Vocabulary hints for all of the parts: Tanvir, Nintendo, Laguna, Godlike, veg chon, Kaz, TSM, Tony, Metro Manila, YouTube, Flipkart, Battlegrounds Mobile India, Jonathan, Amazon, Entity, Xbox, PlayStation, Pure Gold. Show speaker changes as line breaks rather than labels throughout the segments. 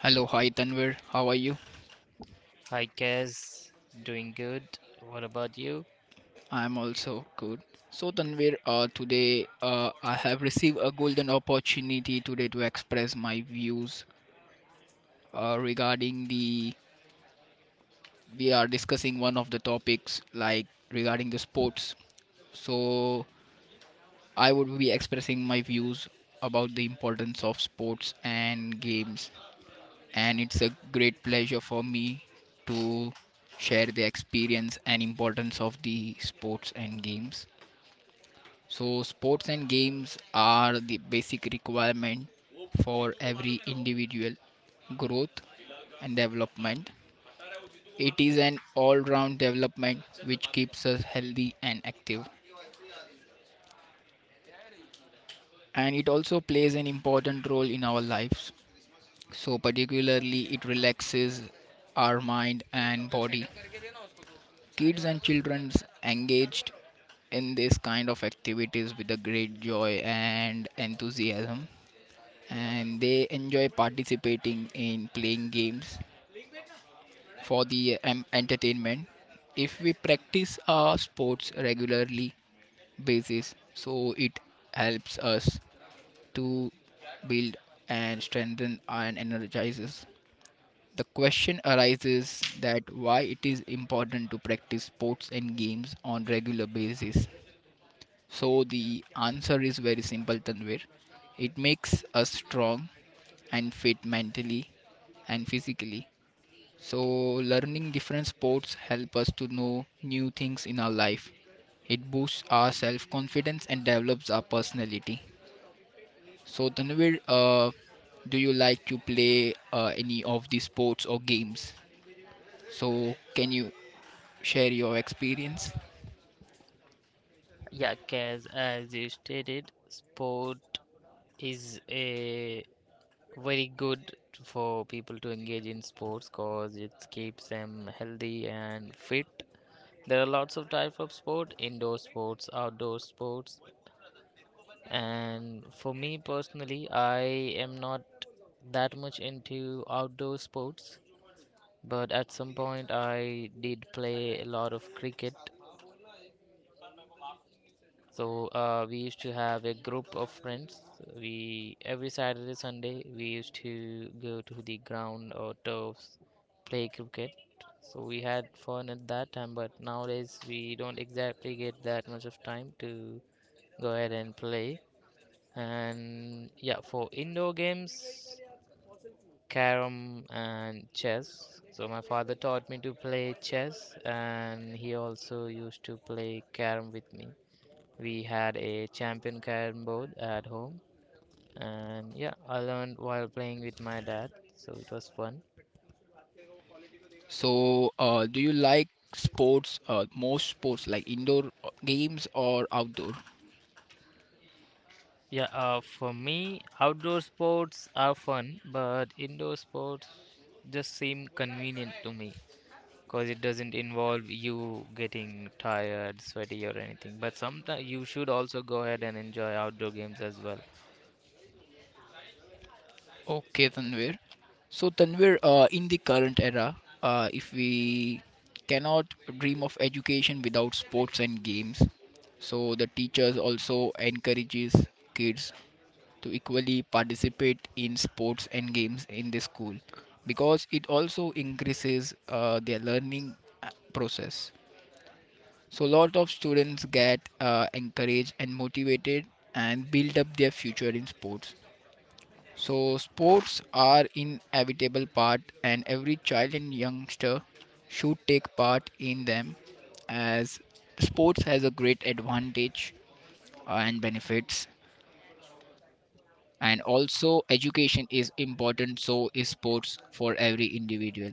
Hello, hi Tanvir. How are you?
Hi, Kaz. Doing good. What about you?
I'm also good. So Tanvir, today I have received a golden opportunity today to express my views regarding the. We are discussing one of the topics like regarding the sports. So I would be expressing my views about the importance of sports and games, and it's a great pleasure for me to share the experience and importance of the sports and games. So, sports and games are the basic requirement for every individual growth and development. It is an all round development which keeps us healthy and active, and it also plays an important role in our lives. So, particularly, it relaxes our mind and body. Kids and children engaged in this kind of activities with a great joy and enthusiasm, and they enjoy participating in playing games for the entertainment. If we practice our sports regularly basis, so it helps us to build and strengthen and energizes. The question arises that why it is important to practice sports and games on regular basis, so the answer is very simple, Tanvir. It makes us strong and fit mentally and physically. So learning different sports help us to know new things in our life. It boosts our self-confidence and develops our personality. So Tanvir, do you like to play any of the sports or games? So can you share your experience?
Yeah, Kaz, as you stated, sport is a very good for people to engage in sports because it keeps them healthy and fit. There are lots of types of sport, indoor sports, outdoor sports, and for me personally, I am not that much into outdoor sports, but at some point I did play a lot of cricket. So we used to have a group of friends. We Every Saturday, Sunday, we used to go to the ground or turfs, play cricket. So we had fun at that time, but nowadays we don't exactly get that much of time to go ahead and play. And yeah, for indoor games, carom and chess. So my father taught me to play chess, and he also used to play carom with me. We had a champion carom board at home, and yeah, I learned while playing with my dad, so it was fun.
So, do you like sports, most sports like indoor games or outdoor?
Yeah, for me, outdoor sports are fun, but indoor sports just seem convenient to me because it doesn't involve you getting tired, sweaty, or anything. But sometimes you should also go ahead and enjoy outdoor games as well.
Okay, Tanvir. So, Tanvir, in the current era, if we cannot dream of education without sports and games, so the teachers also encourages kids to equally participate in sports and games in the school, because it also increases their learning process. So lot of students get encouraged and motivated, and build up their future in sports. So sports are inevitable part and every child and youngster should take part in them, as sports has a great advantage and benefits, and also education is important, so is sports for every individual.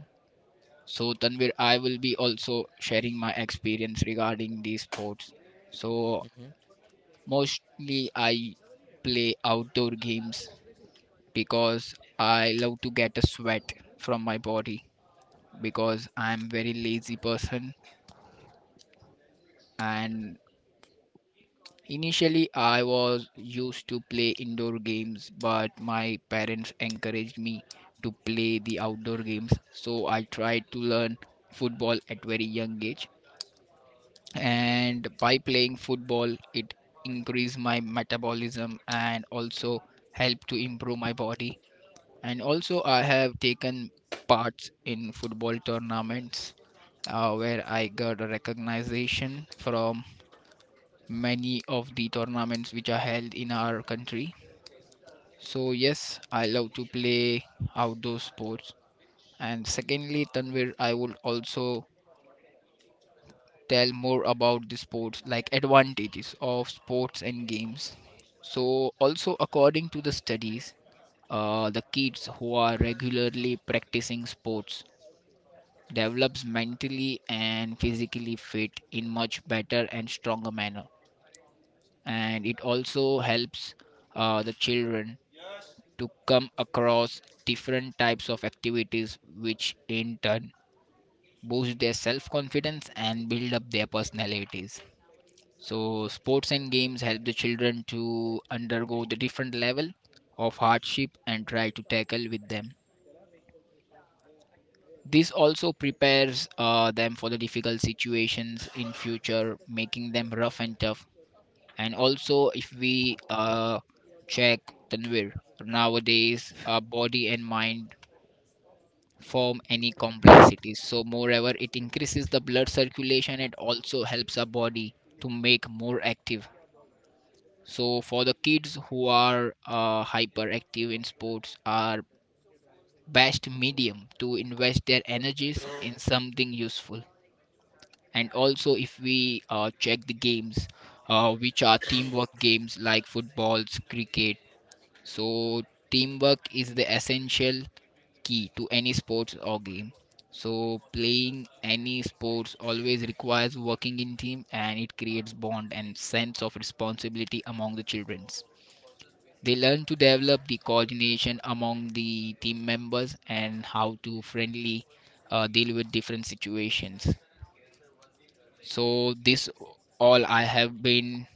So Tanvir, I will be also sharing my experience regarding these sports. So
Mhm.
mostly I play outdoor games because I love to get a sweat from my body, because I'm very lazy person. And initially I was used to play indoor games, but my parents encouraged me to play the outdoor games, so I tried to learn football at very young age. And by playing football, it increased my metabolism and also helped to improve my body. And also I have taken parts in football tournaments, where I got a recognition from many of the tournaments which are held in our country. So yes, I love to play outdoor sports. And secondly, Tanvir, I would also tell more about the sports, like advantages of sports and games. So also according to the studies, the kids who are regularly practicing sports develops mentally and physically fit in much better and stronger manner, and it also helps the children to come across different types of activities, which in turn boost their self confidence and build up their personalities. So sports and games help the children to undergo the different level of hardship and try to tackle with them. This also prepares them for the difficult situations in future, making them rough and tough. And also if we check, Tanvir, nowadays our body and mind form any complexities, so moreover it increases the blood circulation and also helps our body to make more active. So for the kids who are hyperactive in sports, are best medium to invest their energies in something useful. And also if we check the games, which are teamwork games like footballs, cricket, so teamwork is the essential key to any sports or game. So playing any sports always requires working in team, and it creates bond and sense of responsibility among the childrens. They learn to develop the coordination among the team members, and how to friendly deal with different situations. So this all I have been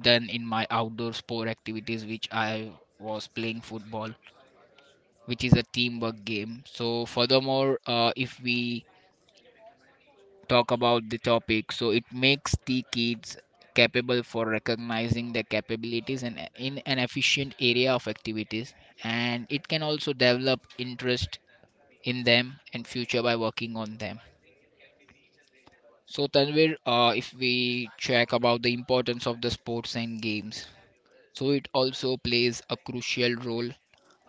done in my outdoor sport activities, which I was playing football, which is a teamwork game. So furthermore, if we talk about the topic, so it makes the kids capable for recognizing their capabilities and in an efficient area of activities, and it can also develop interest in them and future by working on them. So Tanvir, if we check about the importance of the sports and games, so it also plays a crucial role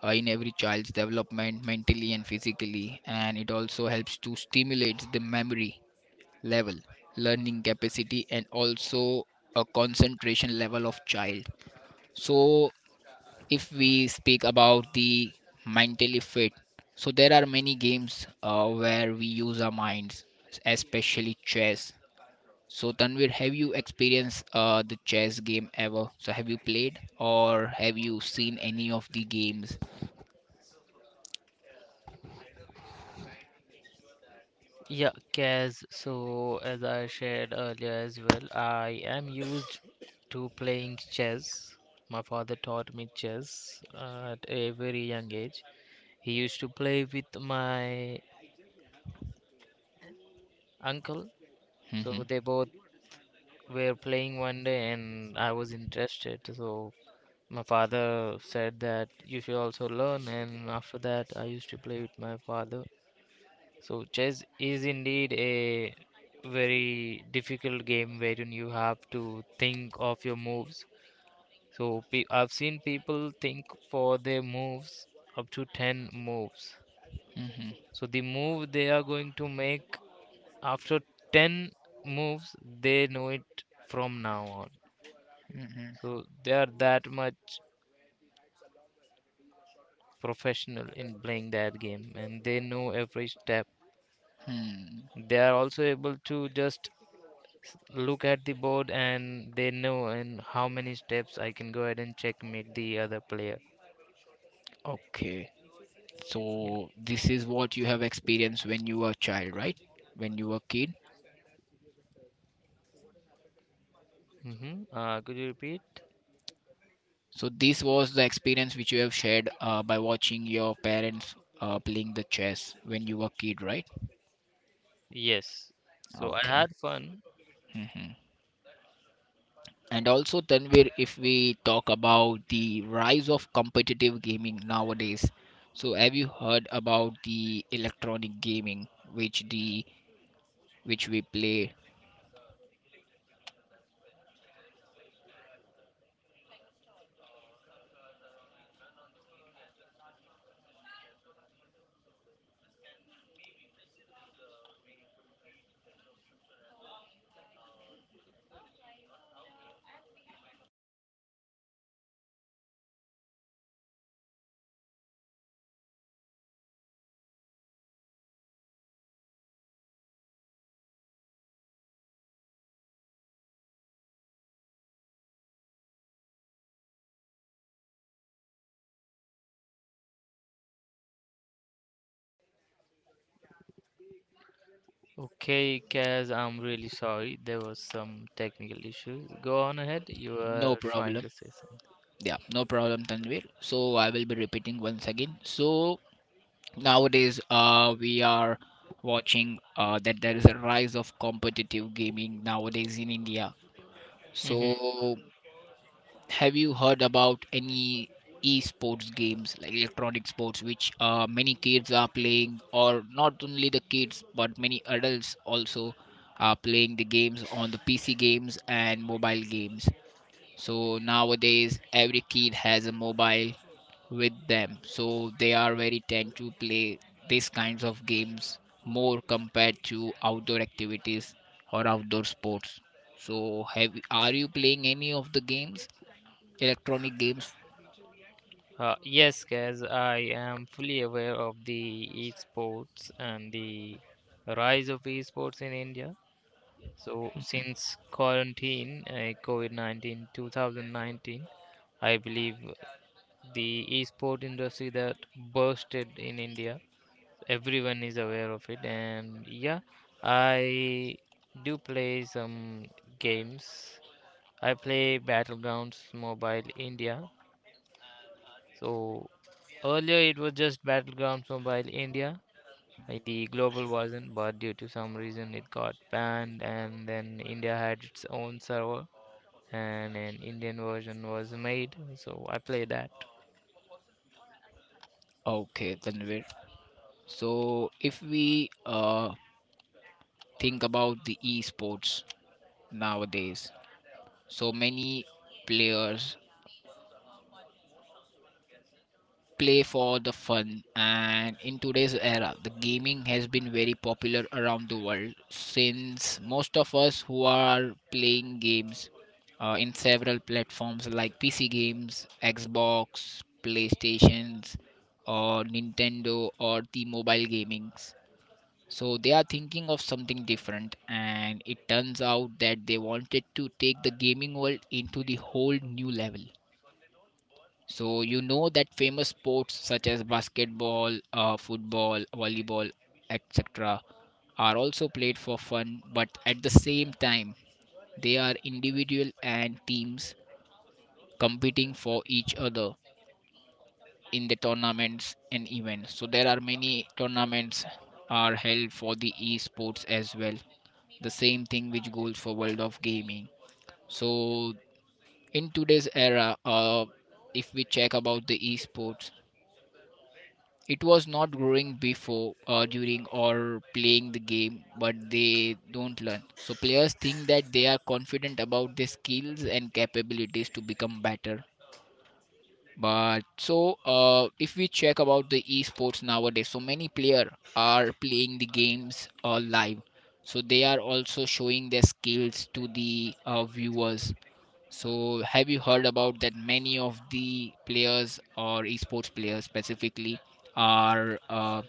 in every child's development mentally and physically, and it also helps to stimulate the memory level, learning capacity, and also a concentration level of child. So if we speak about the mentally fit, so there are many games where we use our minds, especially chess. So Tanvir, have you experienced the chess game ever? So have you played or have you seen any of the games?
Yeah, Kaz. So, as I shared earlier as well, I am used to playing chess. My father taught me chess at a very young age. He used to play with my uncle.
Mm-hmm.
So, they both were playing one day, and I was interested. So, my father said that you should also learn, and after that, I used to play with my father. So chess is indeed a very difficult game wherein you have to think of your moves. So pe I've seen people think for their moves up to 10 moves.
Mm-hmm.
So the move they are going to make after 10 moves, they know it from now on.
Mm-hmm.
So they are that much professional in playing that game and they know every step.
Hmm.
They are also able to just look at the board and they know in how many steps I can go ahead and checkmate the other player.
Okay.
Yeah.
So this is what you have experienced when you were a child, right? When you were a kid.
Mm-hmm. Could you repeat?
So this was the experience which you have shared, by watching your parents playing the chess when you were a kid, right? Okay. Hmm. And also, Tanvir, if we talk about the rise of competitive gaming nowadays, so have you heard about the electronic gaming, which the which we play?
Okay, Kaz, I'm really sorry. There was some technical issues. Go on ahead. You
No
were trying
problem.
to say
Yeah, no problem, Tanvir. So I will be repeating once again. So nowadays, we are watching that there is a rise of competitive gaming nowadays in India.
something. Hmm.
So have you heard about any esports games like electronic sports, which many kids are playing, or not only the kids but many adults also are playing the games on the PC games and mobile games? So nowadays every kid has a mobile with them, so they are very tend to play these kinds of games more compared to outdoor activities or outdoor sports. So have are you playing any of the games, electronic games?
Yes, Kaz, I am fully aware of the esports and the rise of esports in India. So since quarantine, COVID-19, 2019, I believe the esport industry that bursted in India. Everyone is aware of it, and yeah, I do play some games. I play Battlegrounds Mobile India. So earlier it was just Battlegrounds Mobile India. The global wasn't, but due to some reason it got banned, and then India had its own server, and an Indian version was made, so I play that.
Okay, Tanvir. So if we uh, think about the esports nowadays, so many players play for the fun, and in today's era the gaming has been very popular around the world, since most of us who are playing games, in several platforms like PC games, Xbox, PlayStations, or Nintendo, or the mobile gamings. So they are thinking of something different, and it turns out that they wanted to take the gaming world into the whole new level. So you know that famous sports such as basketball, football, volleyball, etc. are also played for fun, but at the same time, they are individual and teams competing for each other in the tournaments and events. So there are many tournaments are held for the esports as well, the same thing which goes for world of gaming. So in today's era, if we check about the esports, it was not growing before, during or playing the game, but they don't learn, so players think that they are confident about their skills and capabilities to become better. But so if we check about the esports nowadays, so many player are playing the games live, so they are also showing their skills to the viewers. So have you heard about that many of the players or esports players specifically are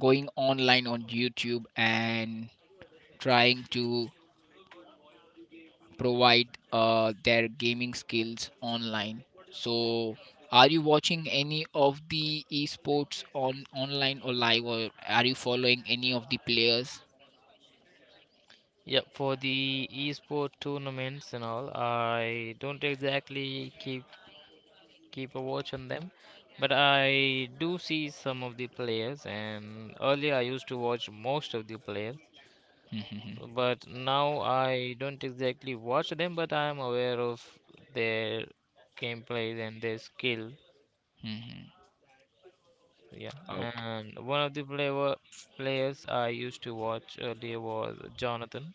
going online on YouTube and trying to provide their gaming skills online. So, are you watching any of the esports on online or live, or are you following any of the players?
Yeah, for the esport tournaments and all, I don't exactly keep a watch on them. But I do see some of the players, and earlier I used to watch most of the players,
Mhm.
but now I don't exactly watch them, but I am aware of their gameplays and their skill. Yeah,
Okay.
and one of the players I used to watch earlier was Jonathan.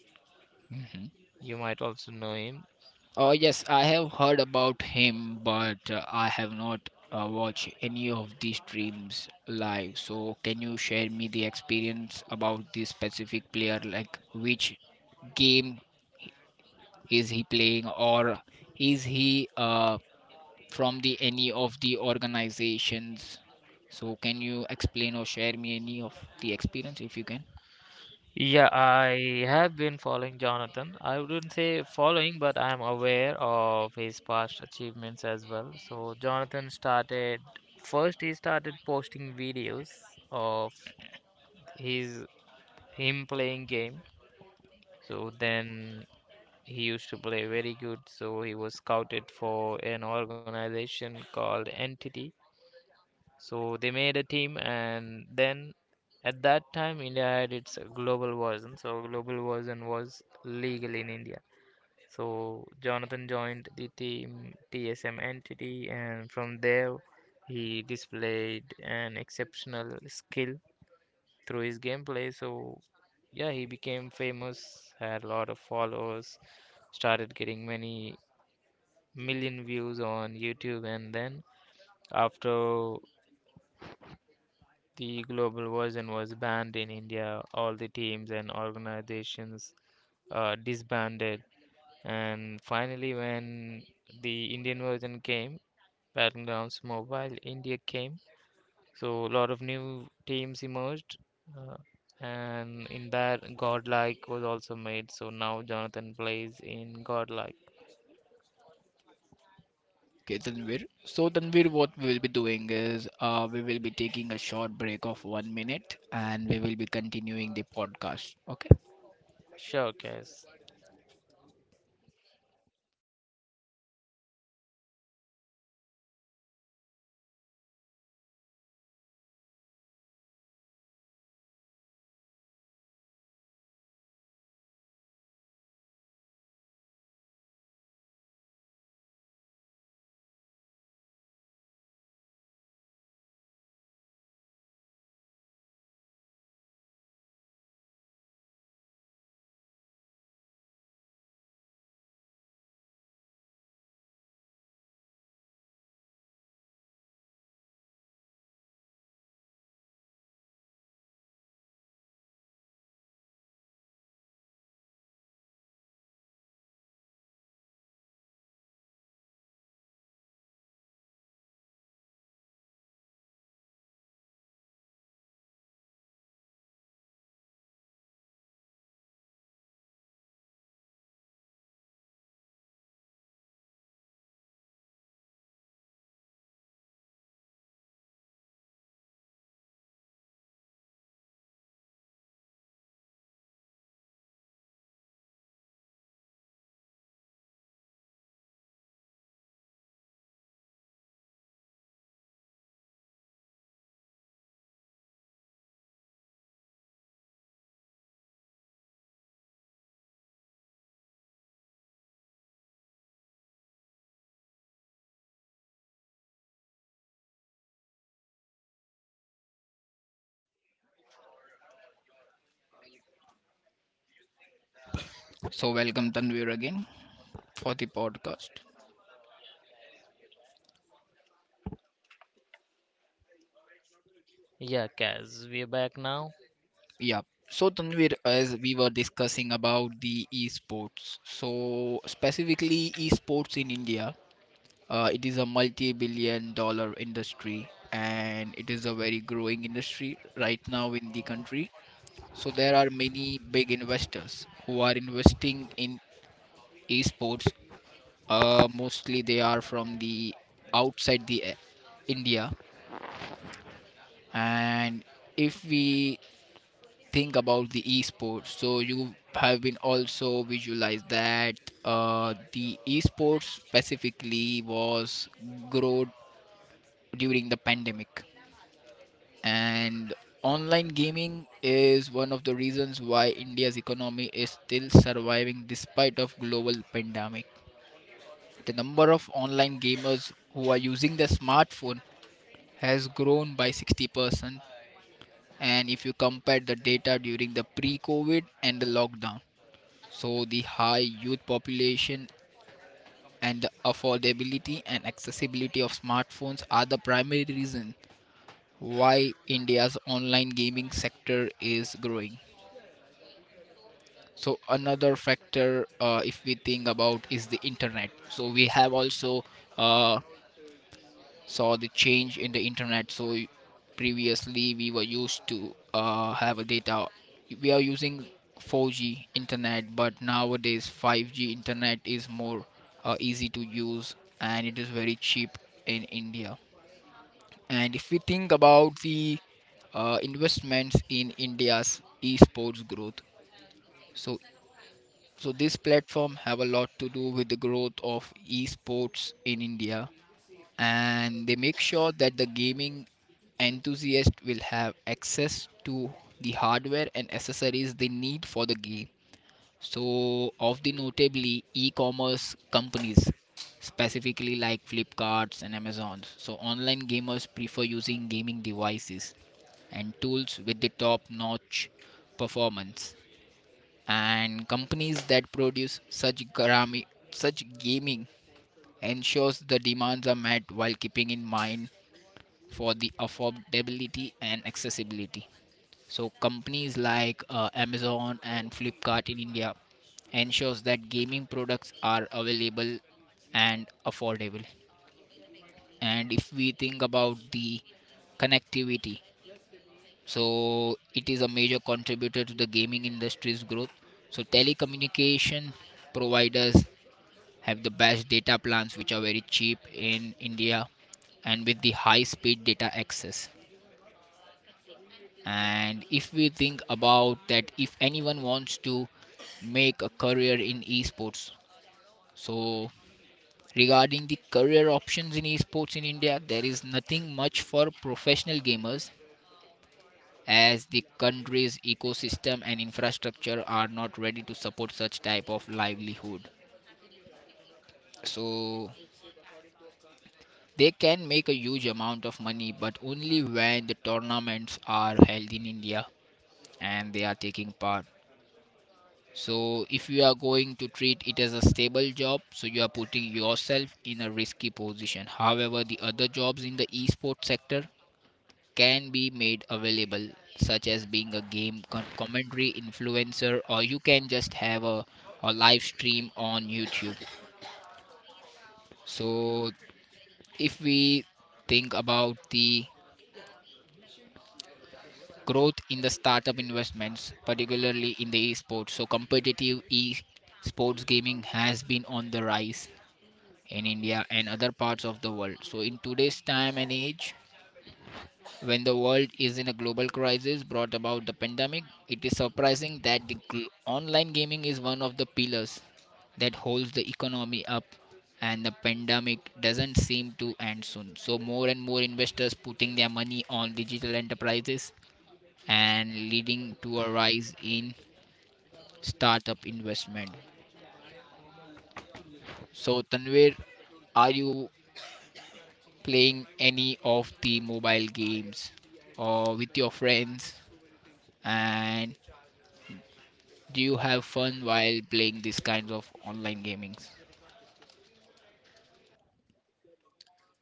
Hmm.
You might also know him.
Oh yes, I have heard about him, but I have not watched any of the streams live. So can you share me the experience about this specific player? Like which game is he playing, or is he from the any of the organizations, so can you explain or share me any of the experience if you can?
Yeah, I have been following Jonathan. I wouldn't say following, but I am aware of his past achievements as well. So Jonathan started. First he started posting videos of his him playing game. So then he used to play very good, so he was scouted for an organization called Entity. So they made a team, and then at that time, India had its global version. So global version was legal in India. So Jonathan joined the team TSM entity, and from there, he displayed an exceptional skill through his gameplay. So yeah, he became famous, had a lot of followers, started getting many million views on YouTube, and then after, the global version was banned in India. All the teams and organizations disbanded. And finally, when the Indian version came, Battlegrounds Mobile India came. So a lot of new teams emerged. Uh, and in that, Godlike was also made. So now Jonathan plays in Godlike.
Okay, Tanvir. So Tanvir, what we will be doing is, we will be taking a short break of 1 minute and we will be continuing the podcast, okay?
Sure, Kaz.
So welcome Tanvir again for the podcast.
Yeah, Kaz, we're back now.
Yeah. So Tanvir, as we were discussing about the esports, so specifically esports in India. It is a multi-billion dollar industry, and it is a very growing industry right now in the country. So there are many big investors who are investing in esports. Mostly they are from the outside the India. And if we think about the esports, so you have been also visualized that, the esports specifically was growed during the pandemic, and online gaming is one of the reasons why India's economy is still surviving despite of global pandemic. The number of online gamers who are using the smartphone has grown by 60%, and if you compare the data during the pre-covid and the lockdown, so the high youth population and the affordability and accessibility of smartphones are the primary reason why India's online gaming sector is growing. So another factor, if we think about, is the internet. So we have also uh, saw the change in the internet. So previously we were used to have a data. We are using 4G internet, but nowadays 5G internet is more easy to use and it is very cheap in India. And if we think about the investments in India's esports growth, so So this platform have a lot to do with the growth of esports in India, and they make sure that the gaming enthusiast will have access to the hardware and accessories they need for the game. So of the notably e-commerce companies, specifically like Flipkarts and Amazons. So online gamers prefer using gaming devices and tools with the top-notch performance, and companies that produce such gaming ensures the demands are met while keeping in mind for the affordability and accessibility. So companies like Amazon and Flipkart in India ensures that gaming products are available and affordable. And if we think about the connectivity, so it is a major contributor to the gaming industry's growth. So telecommunication providers have the best data plans, which are very cheap in India, and with the high speed data access. And if we think about that, if anyone wants to make a career in esports, so regarding the career options in esports in India, there is nothing much for professional gamers, as the country's ecosystem and infrastructure are not ready to support such type of livelihood. So they can make a huge amount of money, but only when the tournaments are held in India and they are taking part. So, if you are going to treat it as a stable job, so you are putting yourself in a risky position. However, the other jobs in the esports sector can be made available, such as being a commentary influencer, or you can just have a live stream on YouTube. So, if we think about the growth in the startup investments, particularly in the esports. So, competitive esports gaming has been on the rise in India and other parts of the world. So, in today's time and age, when the world is in a global crisis brought about the pandemic, it is surprising that the online gaming is one of the pillars that holds the economy up, and the pandemic doesn't seem to end soon, so more and more investors putting their money on digital enterprises and leading to a rise in startup investment. So, Tanvir, are you playing any of the mobile games or with your friends? And do you have fun while playing these kinds of online gamings?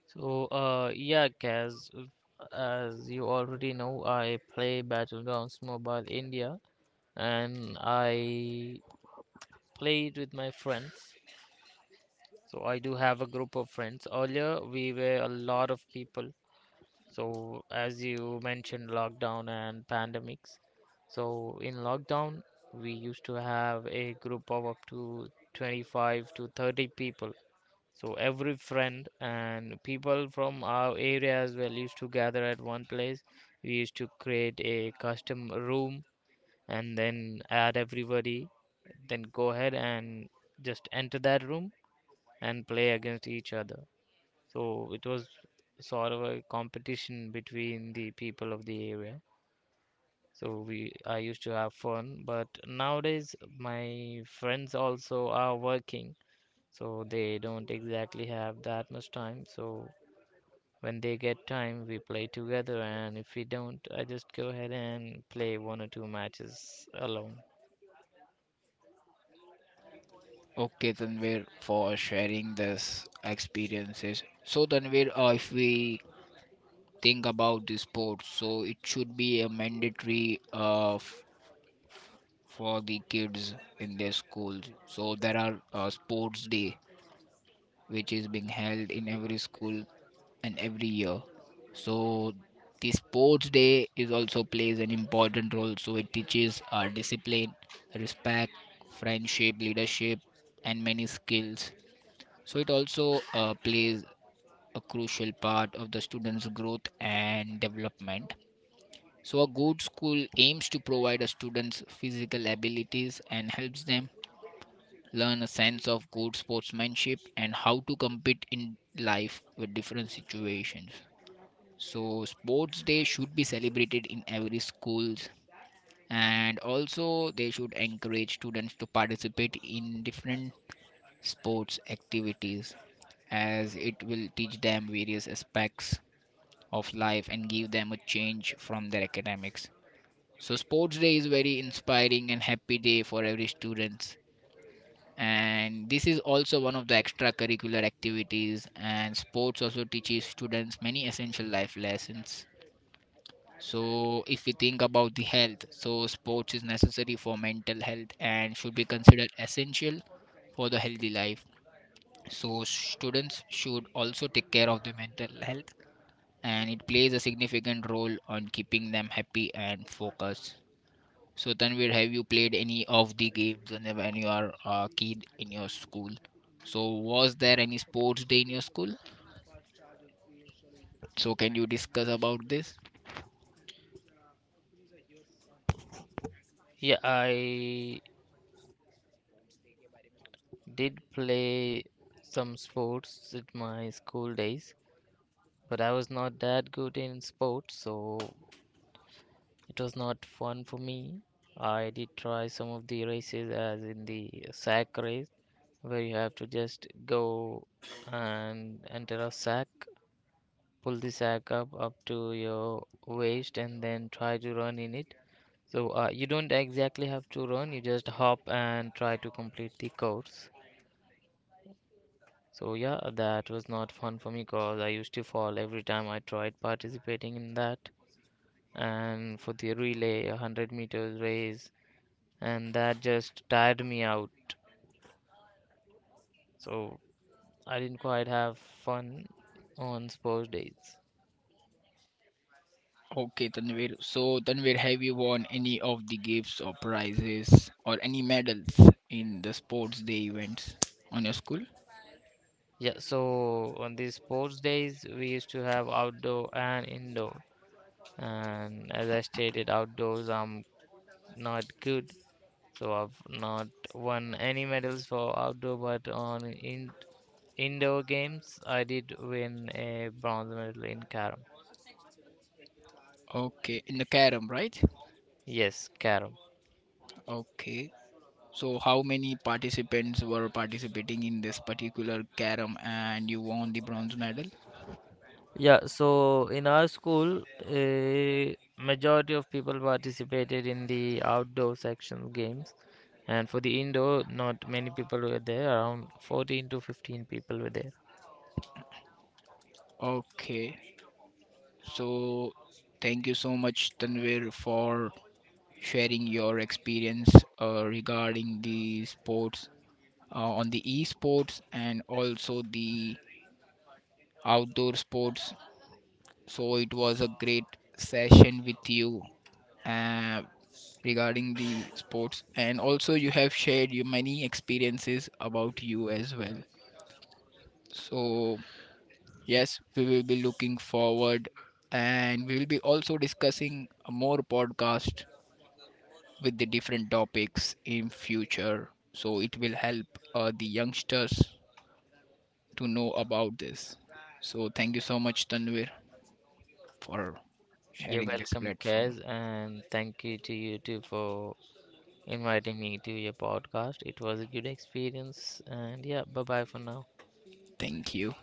So, yeah, Kaz, as you already know, I play Battlegrounds Mobile India and I play it with my friends. So, I do have a group of friends. Earlier, we were a lot of people. So, as you mentioned, lockdown and pandemics. So, in lockdown, we used to have a group of up to 25 to 30 people. So every friend and people from our area as well used to gather at one place. We used to create a custom room and then add everybody. Then go ahead and just enter that room and play against each other. So it was sort of a competition between the people of the area. So we I used to have fun, but nowadays my friends also are working, so they don't exactly have that much time. So when they get time, we play together, and if we don't, I just go ahead and play one or two matches alone.
Okay, Tanvir, for sharing this experiences. So, Tanvir, if we think about the sports, so it should be a mandatory for the kids in their schools. So there are sports day which is being held in every school and every year. So the sports day is also plays an important role. So it teaches our discipline, respect, friendship, leadership, and many skills. So it also plays a crucial part of the students' growth and development. So a good school aims to provide a students physical abilities and helps them learn a sense of good sportsmanship and how to compete in life with different situations. So sports day should be celebrated in every schools, and also they should encourage students to participate in different sports activities, as it will teach them various aspects of life and give them a change from their academics. So sports day is very inspiring and happy day for every students, and this is also one of the extracurricular activities, and sports also teaches students many essential life lessons. So if we think about the health, so sports is necessary for mental health and should be considered essential for the healthy life. So students should also take care of their mental health, and it plays a significant role on keeping them happy and focused. So Tanvir, have you played any of the games whenever when you are a kid in your school? So, was there any sports day in your school? So, can you discuss about this?
Yeah, I did play some sports at my school days, but I was not that good in sports, so it was not fun for me. I did try some of the races, as in the sack race, where you have to just go and enter a sack, pull the sack up to your waist and then try to run in it. So you don't exactly have to run, you just hop and try to complete the course. So yeah, that was not fun for me because I used to fall every time I tried participating in that. And for the relay, 100 meters race, and that just tired me out. So I didn't quite have fun on sports days.
Okay, Tanvir. So, Tanvir, have you won any of the gifts or prizes or any medals in the sports day events on your school?
Yeah, so on these sports days, we used to have outdoor and indoor. And as I stated, outdoors I'm not good, so I've not won any medals for outdoor, but on in indoor games I did win a bronze medal in carom.
Okay, in the carom, right?
Yes, carom.
Okay. So, how many participants were participating in this particular carom and you won the bronze medal?
Yeah, so in our school, a majority of people participated in the outdoor section games, and for the indoor, not many people were there. Around 14 to 15 people were there.
Okay. So, thank you so much, Tanvir, for sharing your experience regarding the sports, on the esports and also the outdoor sports. So it was a great session with you, uh, regarding the sports, and also you have shared your many experiences about you as well. So yes, we will be looking forward, and we will be also discussing more podcast with the different topics in future, so it will help the youngsters to know about this. So thank you so much, Tanvir, for
You're
sharing this
welcome,
platform.
Kaz, and thank you to you too for inviting me to your podcast. It was a good experience, and yeah, bye bye for now.
Thank you.